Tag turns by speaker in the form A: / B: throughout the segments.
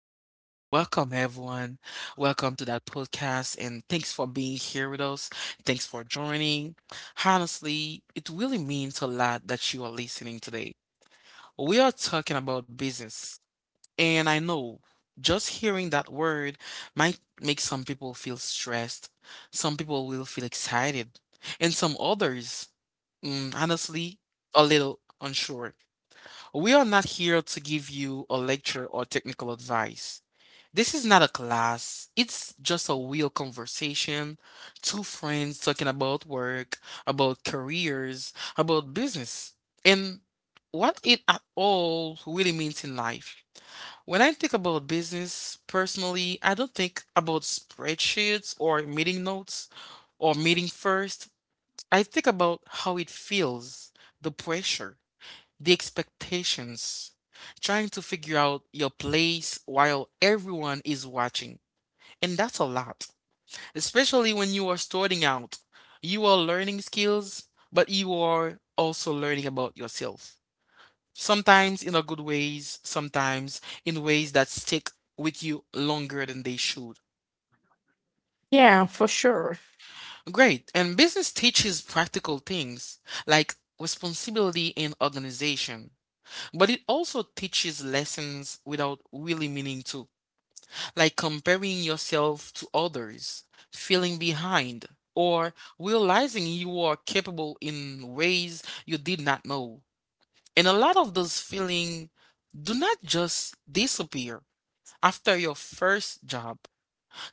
A: Welcome everyone. Welcome to that podcast, and thanks for being here with us. Thanks for joining. Honestly, it really means a lot that you are listening today. We are talking about business, and I know just hearing that word might make some people feel stressed, some people will feel excited, and some others, mm, honestly, a little unsure. We are not here to give you a lecture or technical advice. This is not a class. It's just a real conversation. Two friends talking about work, about careers, about business, and what it at all really means in life. When I think about business, personally, I don't think about spreadsheets or meeting notes or meeting first. I think about how it feels, the pressure, the expectations, trying to figure out your place while everyone is watching. And that's a lot, especially when you are starting out. You are learning skills, but you are also learning about yourself. Sometimes in a good ways, sometimes in ways that stick with you longer than they should.
B: Yeah, for sure.
A: Great. And business teaches practical things like responsibility and organization, but it also teaches lessons without really meaning to, like comparing yourself to others, feeling behind, or realizing you are capable in ways you did not know. And a lot of those feelings do not just disappear after your first job.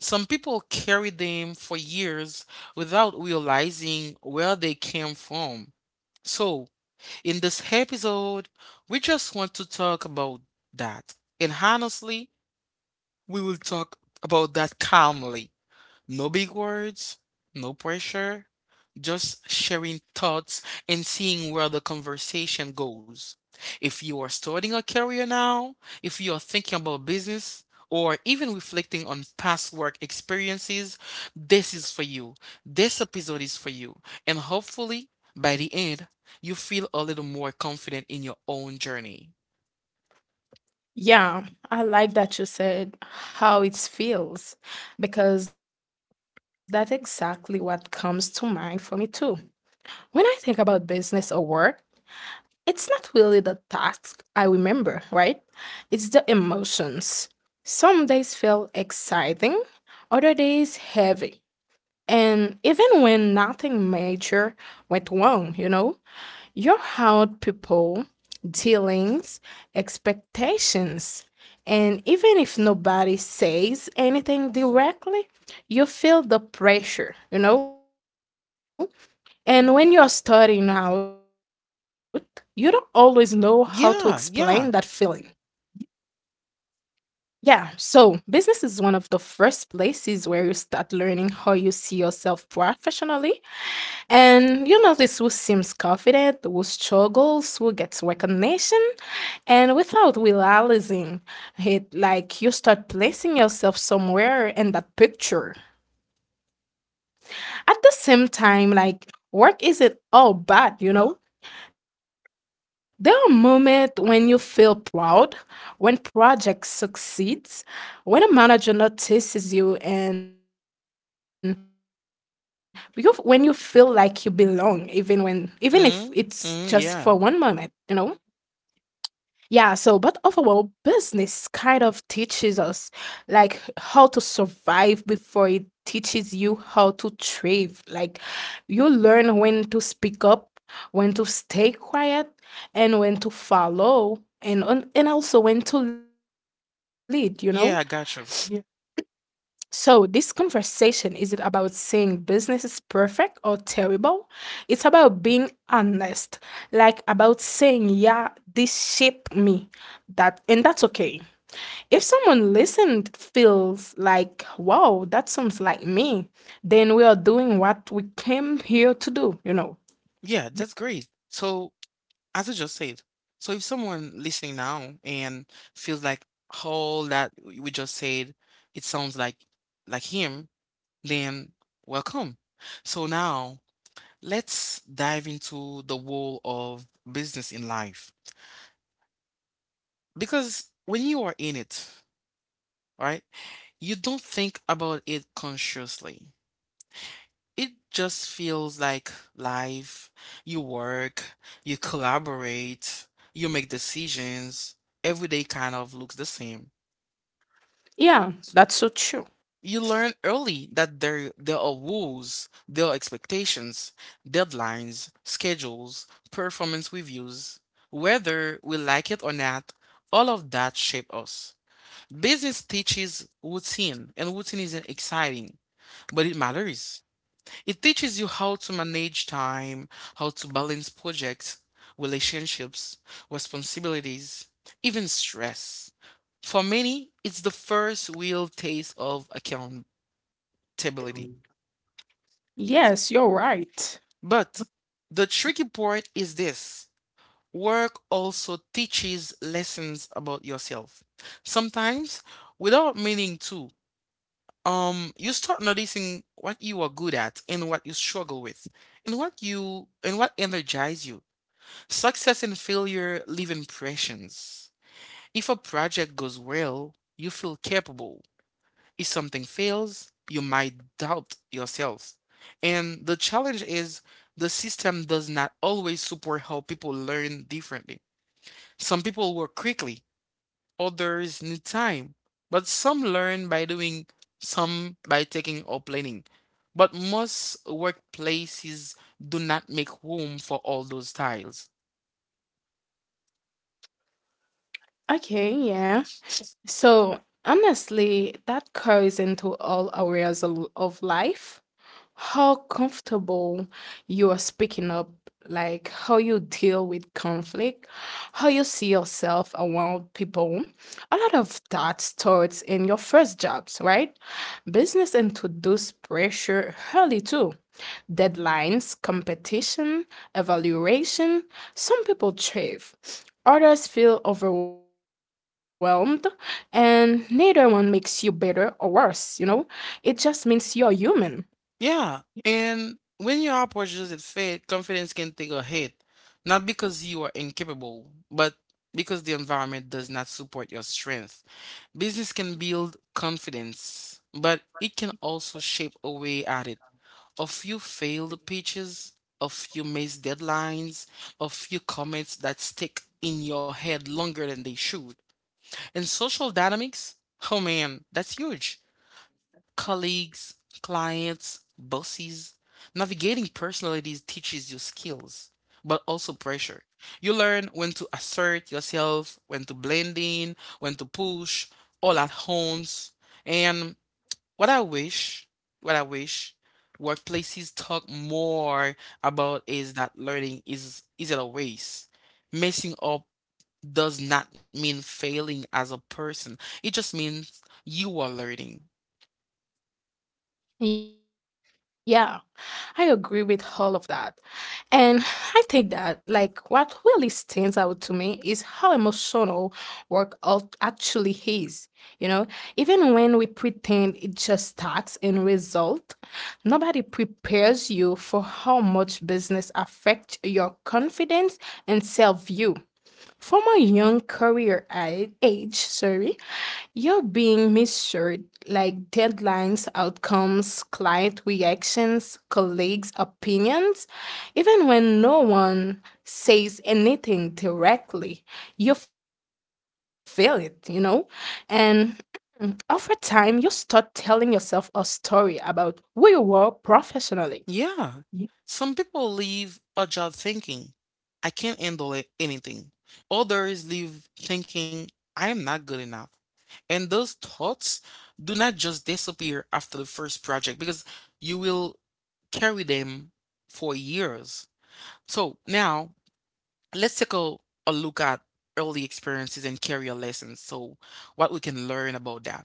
A: Some people carry them for years without realizing where they came from. So, in this episode, we just want to talk about that. And honestly, we will talk about that calmly, no big words, no pressure, just sharing thoughts and seeing where the conversation goes. If you are starting a career now, if you are thinking about business, or even reflecting on past work experiences, this is for you. This episode is for you. And hopefully, by the end, you feel a little more confident in your own journey.
B: Yeah, I like that you said how it feels because that's exactly what comes to mind for me too. When I think about business or work, it's not really the task I remember, right? It's the emotions. Some days feel exciting, other days heavy. And even when nothing major went wrong, you know? Your how people, dealings, expectations. And even if nobody says anything directly, you feel the pressure. And when you're starting out, you don't always know how to explain that
A: Yeah,
B: feeling.
A: yeah.
B: Yeah, so business is one of the first places where you start learning how you see yourself professionally. And you notice who seems confident, who struggles, who gets recognition, and without realizing it, like, you start placing yourself somewhere in that picture. At the same time, like, work isn't all bad. There are moments when you feel proud, when projects succeed, when a manager notices you, and when you feel like you belong, even if it's just for one moment, you
A: Mm,
B: know.
A: mm, yeah.
B: Yeah, so but overall, business kind of teaches us like how to survive before it teaches you how to thrive. Like, you learn when to speak up, when to stay quiet, and when to follow, and also when to lead,
A: Yeah, I got you.
B: So, this conversation isn't about saying business is perfect or terrible. It's about being honest, like about saying, yeah, this shaped me. That and that's okay. If someone listened feels like, wow, that sounds like me, then we are doing what we came here to do,
A: Yeah, that's great. So, as I just said, so if someone listening now and feels like all that we just said, it sounds like him, then welcome. So now let's dive into the role of business in life. Because when you are in it, right, you don't think about it consciously. It just feels like life. You work, you collaborate, you make decisions. Every day kind of looks the same.
B: Yeah, that's so true.
A: You learn early that there are rules, there are expectations, deadlines, schedules, performance reviews. Whether we like it or not, all of that shape us. Business teaches routine, and routine isn't exciting, but it matters. It teaches you how to manage time, how to balance projects, relationships, responsibilities, even stress. For many, it's the first real taste of accountability.
B: Yes, you're right.
A: But the tricky part is this: work also teaches lessons about yourself. Sometimes, without meaning to, you start noticing what you are good at and what you struggle with, and what you and what energize you. Success and failure leave impressions. If a project goes well, you feel capable. If something fails, you might doubt yourself. And the challenge is the system does not always support how people learn differently. Some people work quickly, others need time, but some learn by doing, some by taking or planning. But most workplaces do not make room for all those styles.
B: Okay, yeah. So, honestly, that carries into all areas of life. How comfortable you are speaking up, like how you deal with conflict, how you see yourself around people. A lot of that starts in your first jobs, right? Business introduce pressure early too. Deadlines, competition, evaluation. Some people thrive. Others feel overwhelmed and neither one makes you better or worse. It just means you're human.
A: Yeah, and when your approach doesn't fit, confidence can take a hit, not because you are incapable, but because the environment does not support your strength. Business can build confidence, but it can also shape away at it. A few failed pitches, a few missed deadlines, a few comments that stick in your head longer than they should. And social dynamics, oh man, that's huge: colleagues, clients, bosses. Navigating personalities teaches you skills, but also pressure. You learn when to assert yourself, when to blend in, when to push, all at once. And what I wish, what I wish workplaces talk more about is that learning is isn't a waste. Messing up does not mean failing as a person. It just means you are learning.
B: Yeah, I agree with all of that. And I think that, like, what really stands out to me is how emotional work actually is. You know, even when we pretend it just tasks and result, nobody prepares you for how much business affects your confidence and self view. From a young career age, sorry, you're being measured like deadlines, outcomes, client reactions, colleagues' opinions. Even when no one says anything directly, you feel it. And over time, you start telling yourself a story about who you were professionally. Ye.
A: Yeah. Some people
B: E.
A: leave a job thinking, I can't handle it- anything. Others leave thinking, I am not good enough. And those thoughts do not just disappear after the first project, because you will carry them for years. So now let's take a look at early experiences and career lessons. So, what we can learn about that.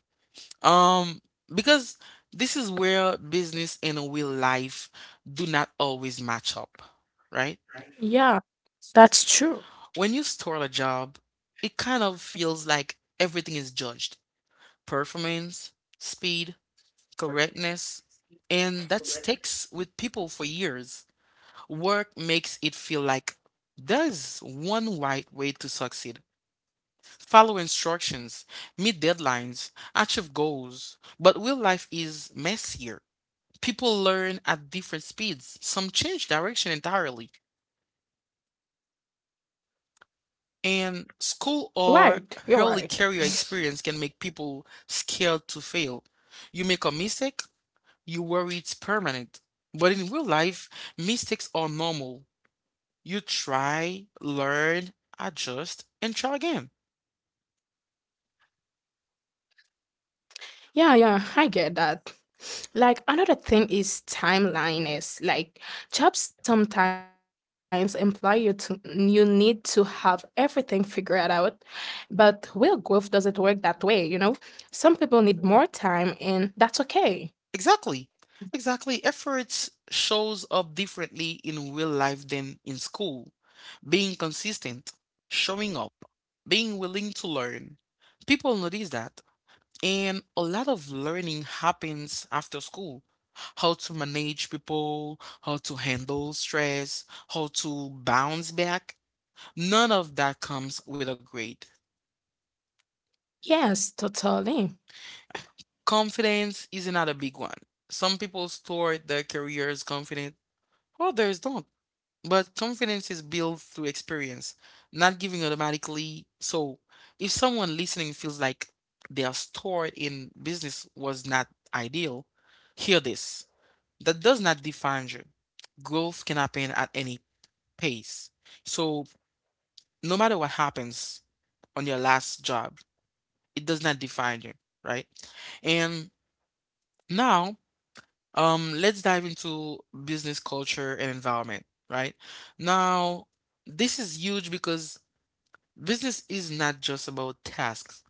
A: Um, because this is where business and real life do not always match up, right?
B: Yeah, that's true.
A: When you start a job, it kind of feels like everything is judged. Performance, speed, correctness, and that sticks with people for years. Work makes it feel like there's one right way to succeed. Follow instructions, meet deadlines, achieve goals, but real life is messier. People learn at different speeds. Some change direction entirely.
B: Right, you're right.
A: And school or early career experience can make people scared to fail. You make a mistake, you worry it's permanent. But in real life, mistakes are normal. You try, learn, adjust, and try again.
B: Yeah, yeah, I get that. Like, another thing is timeliness. Like, jobs sometimes imply you to you need to have everything figured out, but real growth doesn't work that way, Some people need more time and that's okay.
A: Exactly. Exactly. Efforts shows up differently in real life than in school: being consistent, showing up, being willing to learn. People notice that. And a lot of learning happens after school. How to manage people, how to handle stress, how to bounce back. None of that comes with a grade.
B: Yes, totally.
A: Confidence is another big one. Some people start their careers confident, others don't. But confidence is built through experience, not giving automatically. So, if someone listening feels like their start in business was not ideal, hear this. That does not define you. Growth can happen at any pace. So, no matter what happens on your last job, it does not define you, right? And now, let's dive into business culture and environment, right? Now, this is huge because business is not just about tasks,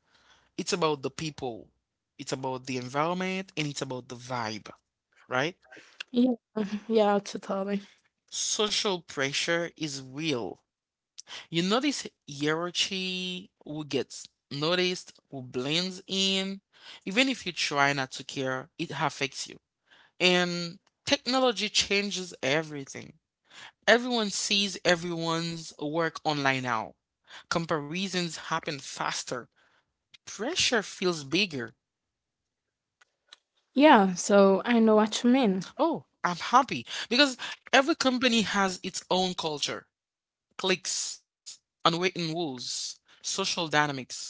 A: it's about the people, it's about the environment, and it's about the vibe, right?
B: Yeah, yeah, totally.
A: Social pressure is real. You notice hierarchy, who gets noticed, who blends in. Even if you try not to care, it affects you. And technology changes everything. Everyone sees everyone's work online now. Comparisons happen faster. Pressure feels bigger.
B: Yeah, so I know what you mean.
A: Oh, I'm happy because every company has its own culture, cliques, unwritten rules, social dynamics.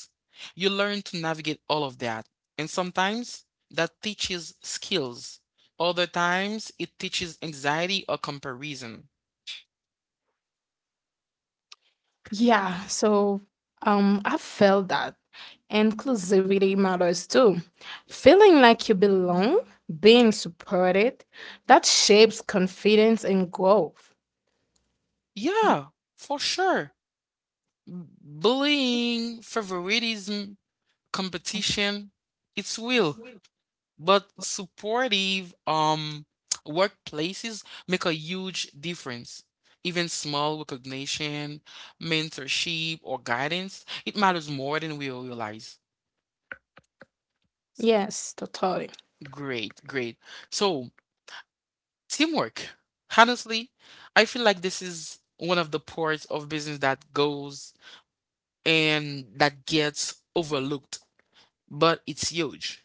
A: You learn to navigate all of that. And sometimes that teaches skills. Other times it teaches anxiety or comparison.
B: Yeah, so I felt that inclusivity matters too. Feeling like you belong, being supported, that shapes confidence and growth.
A: Yeah, for sure. B- Bullying, favoritism, competition, it's real. But supportive workplaces make a huge difference. Even small recognition, mentorship, or guidance, it matters more than we realize.
B: Yes, totally.
A: Great, great. So, teamwork. Honestly, I feel like this is one of the parts of business that goes and that gets overlooked, but it's huge.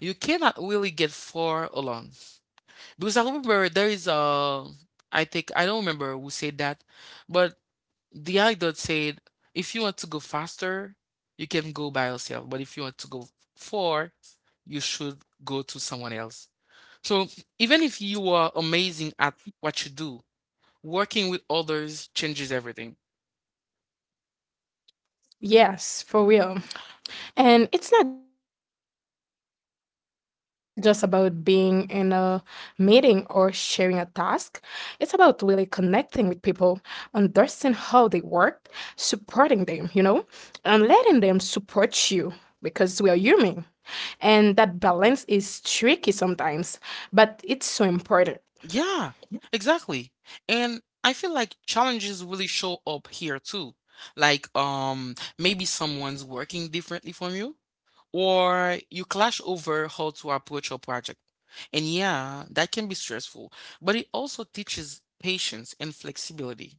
A: You cannot really get far alone. Because I remember there is a, I think, I don't remember who said that, but the anecdote said if you want to go faster, you can go by yourself. But if you want to go far, you should go to someone else. So even if you are amazing at what you do, working with others changes everything.
B: Yes, for real. And it's not just about being in a meeting or sharing a task. It's about really connecting with people, understanding how they work, supporting them, and letting them support you because we are human. And that balance is tricky sometimes, but it's so important.
A: Yeah, exactly. And I feel like challenges really show up here too. Like maybe someone's working differently from you or you clash over how to approach a project. And yeah, that can be stressful, but it also teaches patience and flexibility.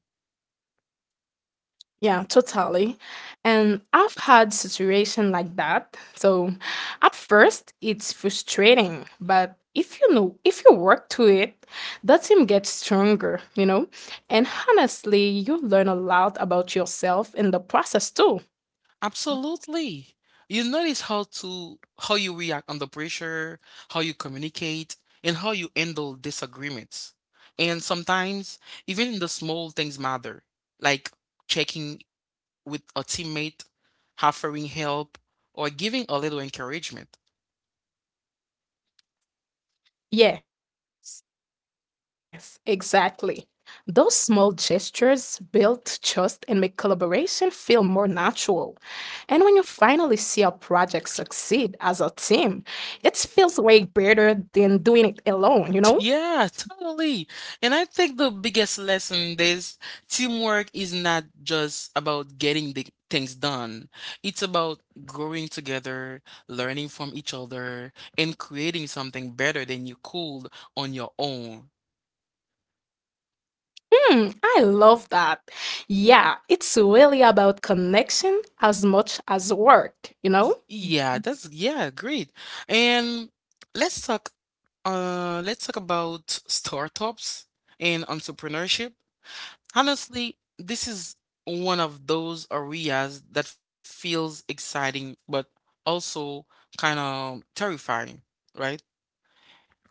B: Yeah, totally. And I've had situation like that. So at first it's frustrating, but if you work to it, that team gets stronger, And honestly, you learn a lot about yourself in the process too.
A: Absolutely. You notice how you react under pressure, how you communicate, and how you handle disagreements. And sometimes even the small things matter, like checking with a teammate, offering help, or giving a little encouragement.
B: Yes, exactly. Those small gestures build trust and make collaboration feel more natural. And when you finally see a project succeed as a team, it feels way better than doing it alone,
A: Yeah, totally. And I think the biggest lesson is teamwork is not just about getting the things done. It's about growing together, learning from each other, and creating something better than you could on your own.
B: Hmm, I love that. Yeah, it's really about connection as much as work,
A: Y- Yeah, that's yeah, great. And let's talk let's talk about startups and entrepreneurship. Honestly, this is one of those areas that feels exciting but also kind of terrifying, right?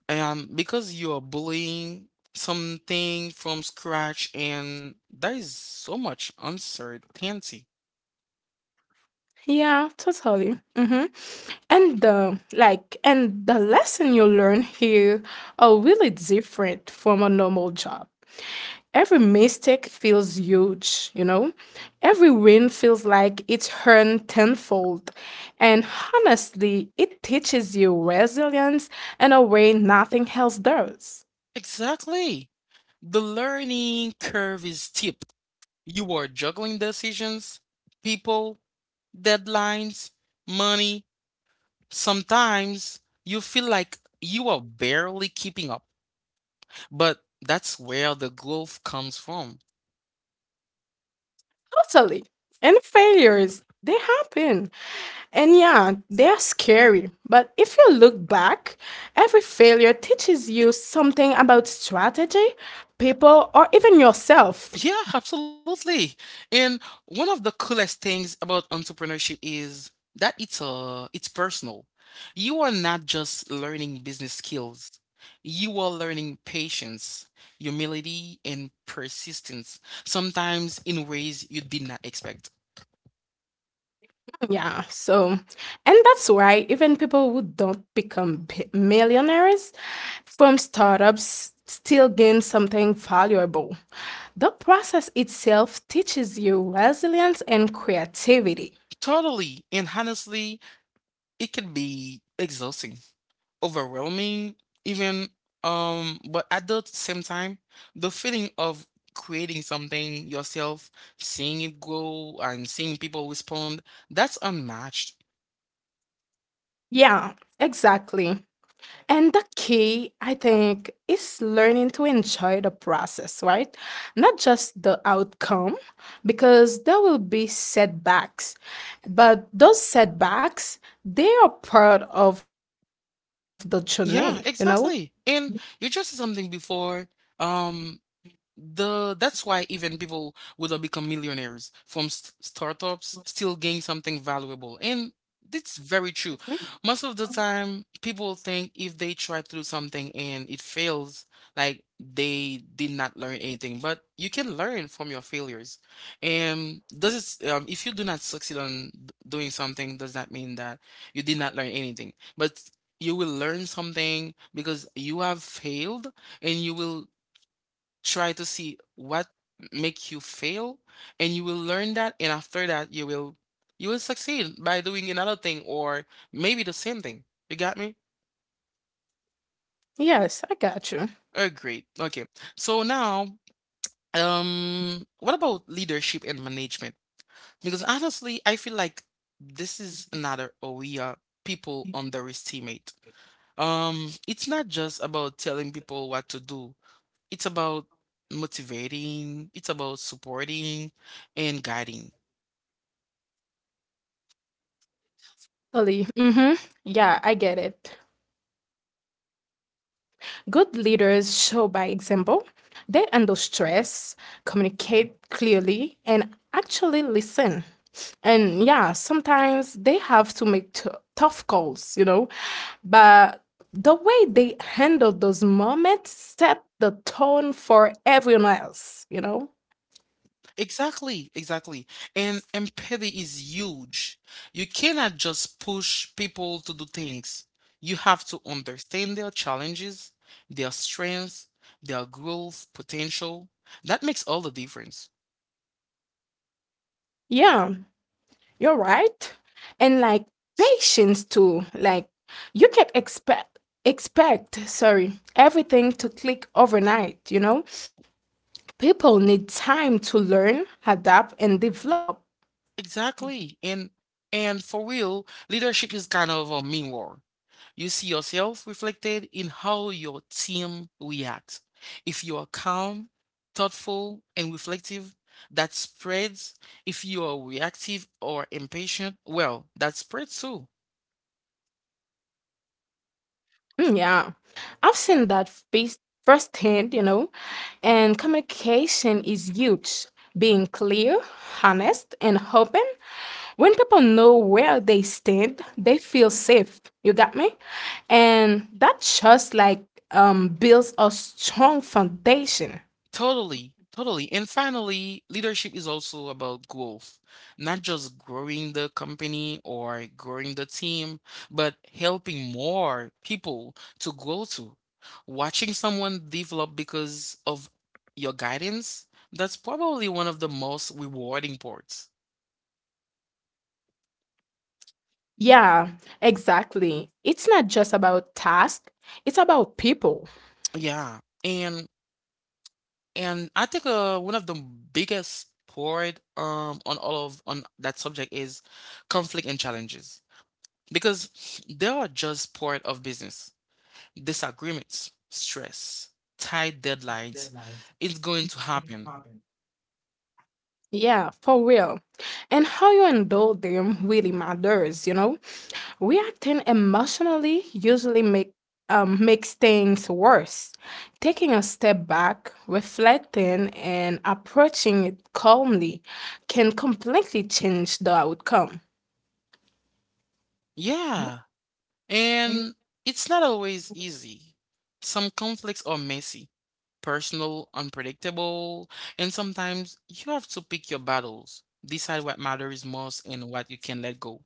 A: And because you are bullying something from scratch and there is so much uncertainty.
B: Yeah, totally. Mm-hmm. And the lesson you learn here are really different from a normal job. Every mistake feels huge, Every win feels like it's earned tenfold, and honestly, it teaches you resilience in a way nothing else does.
A: Exactly. The learning curve is steep. You are juggling decisions, people, deadlines, money. Sometimes you feel like you are barely keeping up, but that's where the growth comes from.
B: Totally. And failures, they happen. And yeah, they're scary. But if you look back, every failure teaches you something about strategy, people, or even yourself.
A: Yeah, absolutely. And one of the coolest things about entrepreneurship is that it's personal. You are not just learning business skills. You are learning patience, humility, and persistence, sometimes in ways you did not expect.
B: Yeah, so, and that's why even people who don't become millionaires from startups still gain something valuable. The process itself teaches you resilience and creativity.
A: Totally. And honestly, it can be exhausting, overwhelming, even. But at the same time, the feeling of creating something yourself, seeing it grow and seeing people respond, that's unmatched.
B: Yeah, exactly. And the key, I think, is learning to enjoy the process, right? Not just the outcome, because there will be setbacks. But those setbacks, they are part of the journey,
A: Yeah, exactly. And you just said something before. Um, the that's why even people who don't become millionaires from startups still gain something valuable, and it's very true.
B: Mhm.
A: Most of the time people think if they try to do something and it fails, like, they did not learn anything, but you can learn from your failures. And does it, if you do not succeed on doing something, does not mean that you did not learn anything, but you will learn something because you have failed. And you will try to see what make you fail, and you will learn that. And after that you will, you will succeed by doing another thing or maybe the same thing. You got me?
B: Yes, I got you.
A: Oh, great. Okay. So now, what about leadership and management? Because honestly I feel like this is another area people underestimate. It's not just about telling people what to do. It's about motivating, it's about supporting and guiding.
B: Totally. Mm-hmm. Yeah, I get it. Good leaders show by example. They handle stress, communicate clearly, and actually listen. And yeah, sometimes they have to make tough calls, but the way they handle those moments set the tone for everyone else,
A: Exactly, exactly. And empathy is huge. You cannot just push people to do things. You have to understand their challenges, their strengths, their growth potential. That makes all the difference.
B: Yeah, you're right. And like patience too. Like, you can't expect, sorry, everything to click overnight, People need time to learn, adapt and develop.
A: Exactly. And for real, leadership is kind of a mirror. You see yourself reflected in how your team reacts. If you are calm, thoughtful, and reflective, that spreads. If you are reactive or impatient, well, that spreads too.
B: Mm, yeah, I've seen that face firsthand, and communication is huge. Being clear, honest, and open. When people know where they stand, they feel safe. You got me? And that just like builds a strong foundation.
A: Totally, totally. And finally, leadership is also about growth, not just growing the company or growing the team, but helping more people to grow to. Watching someone develop because of your guidance, that's probably one of the most rewarding parts.
B: Yeah, exactly. It's not just about task, it's about people.
A: Yeah, and I think one of the biggest part on all of on that subject is conflict and challenges. Because they are just part of business. Disagreements, stress, tight deadlines, it's going to happen.
B: Yeah, for real. And how you handle them really matters, Reacting emotionally makes things worse. Taking a step back, reflecting, and approaching it calmly can completely change the outcome.
A: Yeah. And it's not always easy. Some conflicts are messy, personal, unpredictable, and sometimes you have to pick your battles, decide what matters most and what you can let go.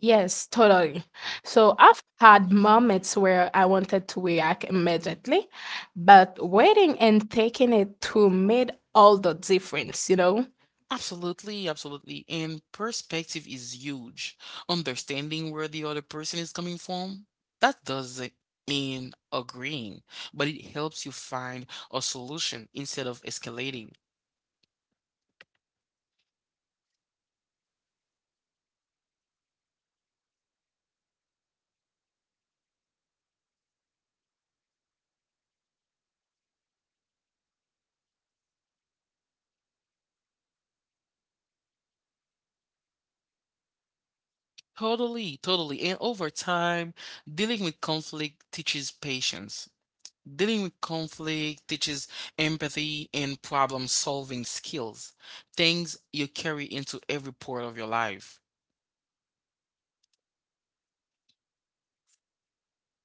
B: Yes, totally. So I've had moments where I wanted to react immediately, but waiting and taking it to made all the difference,
A: Absolutely, absolutely. And perspective is huge. Understanding where the other person is coming from, that doesn't mean agreeing, but it helps you find a solution instead of escalating.
B: Yeah. And honestly, handling challenges, well, it's also about self awareness, knowing your triggers, strength, and weaknesses. That way, you're not like blindsided by your own reactions.
A: Totally, totally. And over time, dealing with conflict teaches patience. Dealing with conflict teaches empathy and problem solving skills, things you carry into every part of your life.
B: Yeah, exactly.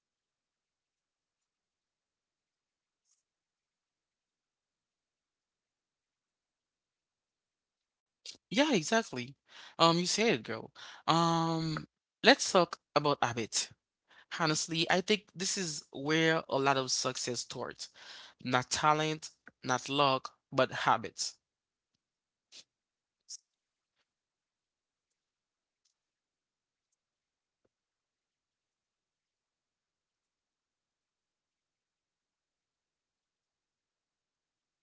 B: Um, honestly, it feels good when you handle something well. You gain confidence, and it's become easier next time.
A: Yeah, exactly. You said it, girl. Um, let's talk about habit. Honestly, I think this is where a lot of success starts. Not talent, not luck, but habits.
B: Yes, I'm agree. Time management, consistency, networking, they are all small, daily things that build up over time.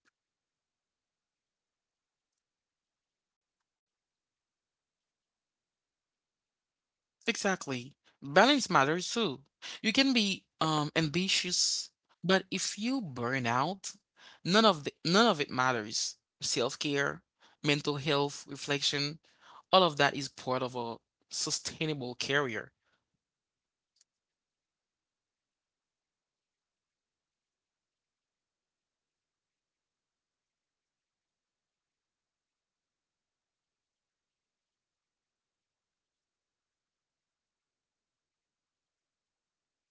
B: And yeah, they might feel boring or slow at first, but eventually they are compound.
A: Exactly. Balance matters too. You can be ambitious, but if you burn out, none of it matters. Self-care, mental health, reflection, all of that is part of a sustainable career.
B: Also, do you agree? Hmm. Even small things like showing up on time, being prepared, following through, that make a huge difference. People notice, and your reputation builds.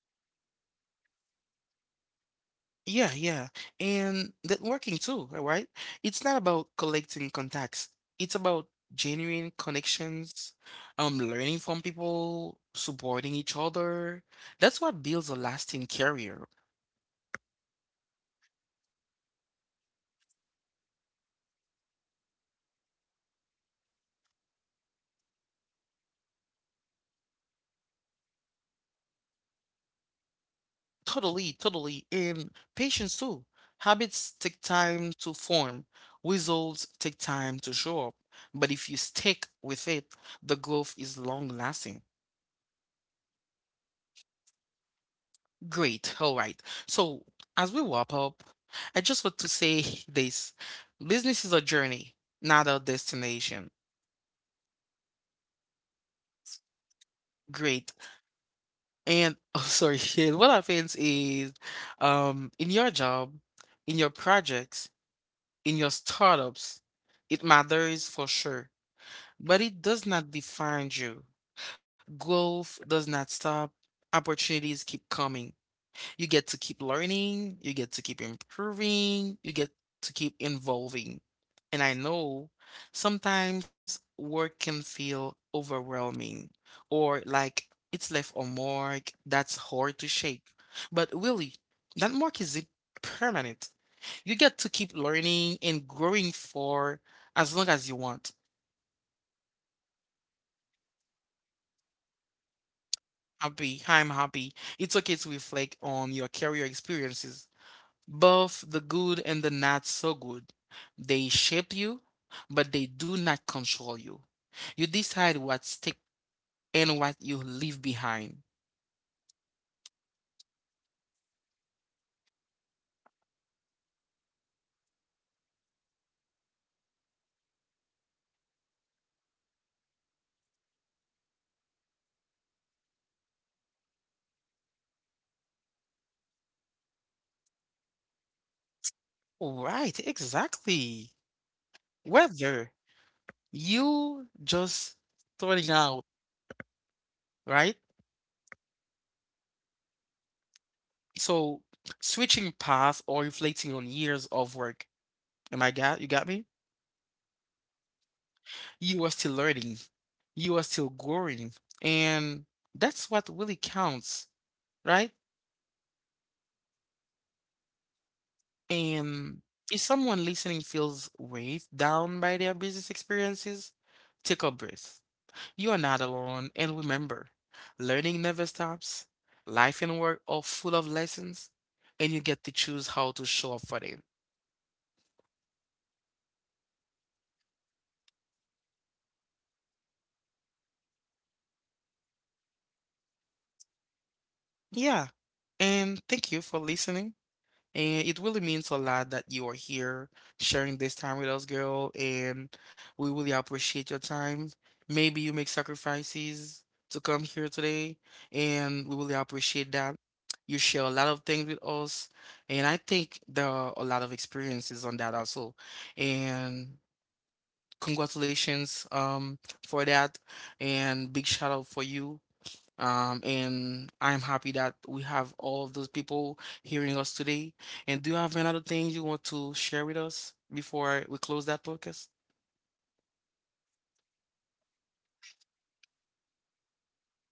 B: Opportunities open,
A: Yeah, yeah. And networking too, right? It's not about collecting contacts. It's about genuine connections, learning from people, supporting each other. That's what builds a lasting career.
B: Mhm. Did you know that curiosity matters? Like, always learning, asking questions, trying new approaches. Like, those habits keeps you adaptable.
A: Totally, totally. And patience too. Habits take time to form. Results take time to show up. But if you stick with it, the growth is long lasting.
B: Yeah, exactly.
A: Great. All right. So, as we wrap up, I just want to say this. Business is a journey, not a destination.
B: Yes, for real.
A: Great.
B: What?
A: And oh, sorry. And what happens is, in your job, in your projects, in your startups, it matters for sure, but it does not define you. Growth does not stop. Opportunities keep coming. You get to keep learning, you get to keep improving, you get to keep involving. And I know sometimes work can feel overwhelming or like it's left a mark that's hard to shake. But really, that mark is it permanent. You get to keep learning and growing for as long as you want.
B: Mm-hmm. I know exactly what you mean.
A: Happy, I'm happy. It's okay to reflect on your career experiences, both the good and the not so good. They shape you, but they do not control you. You decide what stick and what you leave behind.
B: Yes, you're right. Hmm, that makes sense. And the biggest things our people listen to is to take away is this. Your value is defined by titles, income, or past mistakes.
A: Right, exactly.
B: Yeah,
A: Whether
B: so,
A: you just starting out, right?
B: mhm.
A: So switching paths or reflecting on years of work. Am I got you got me?
B: Yes, I got you.
A: You are still learning. You are still growing. And that's what really counts, right?
B: Yes, totally. Hmm.
A: And if someone listening feels weighed down by their business experiences, take a breath. You are not alone, and remember, learning never stops. Life and work are full of lessons, and you get to choose how to show up for them.
B: Yeah, I really hope that comes across. Honestly, we all have our own path. So, and that's okay.
A: Yeah. And thank you for listening. And it really means a lot that you are here sharing this time with us, girl. And we really appreciate your time. Maybe you make sacrifices to come here today, and we really appreciate that. You share a lot of things with us, and I think there are a lot of experiences on that also. And congratulations for that, and big shout out for you, and I'm happy that we have all of those people hearing us today. And do you have any other things you want to share with us before we close that podcast?
B: Yes, totally. Like, thanks for being here, everyone.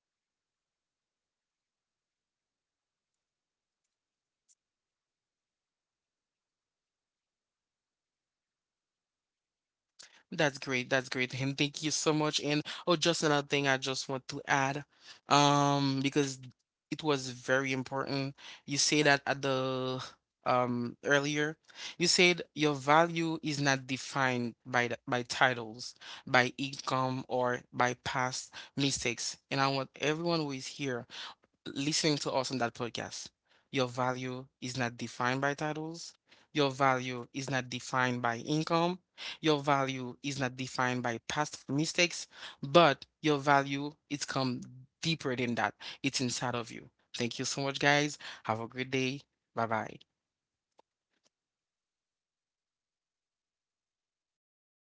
B: And remember, keep going, take it one step at a time, and be kind to yourself. Always remember to be kind to yourself.
A: That's great. That's great. And thank you so much. And oh, just another thing I just want to add, because it was very important. You say that at the, earlier, you said your value is not defined by titles, by income, or by past mistakes. And I want everyone who is here listening to us on that podcast. Your value is not defined by titles. Your value is not defined by income. Your value is not defined by past mistakes, but your value it's come deeper than that. It's inside of you. Thank you so much, guys. Have a great day. Bye bye.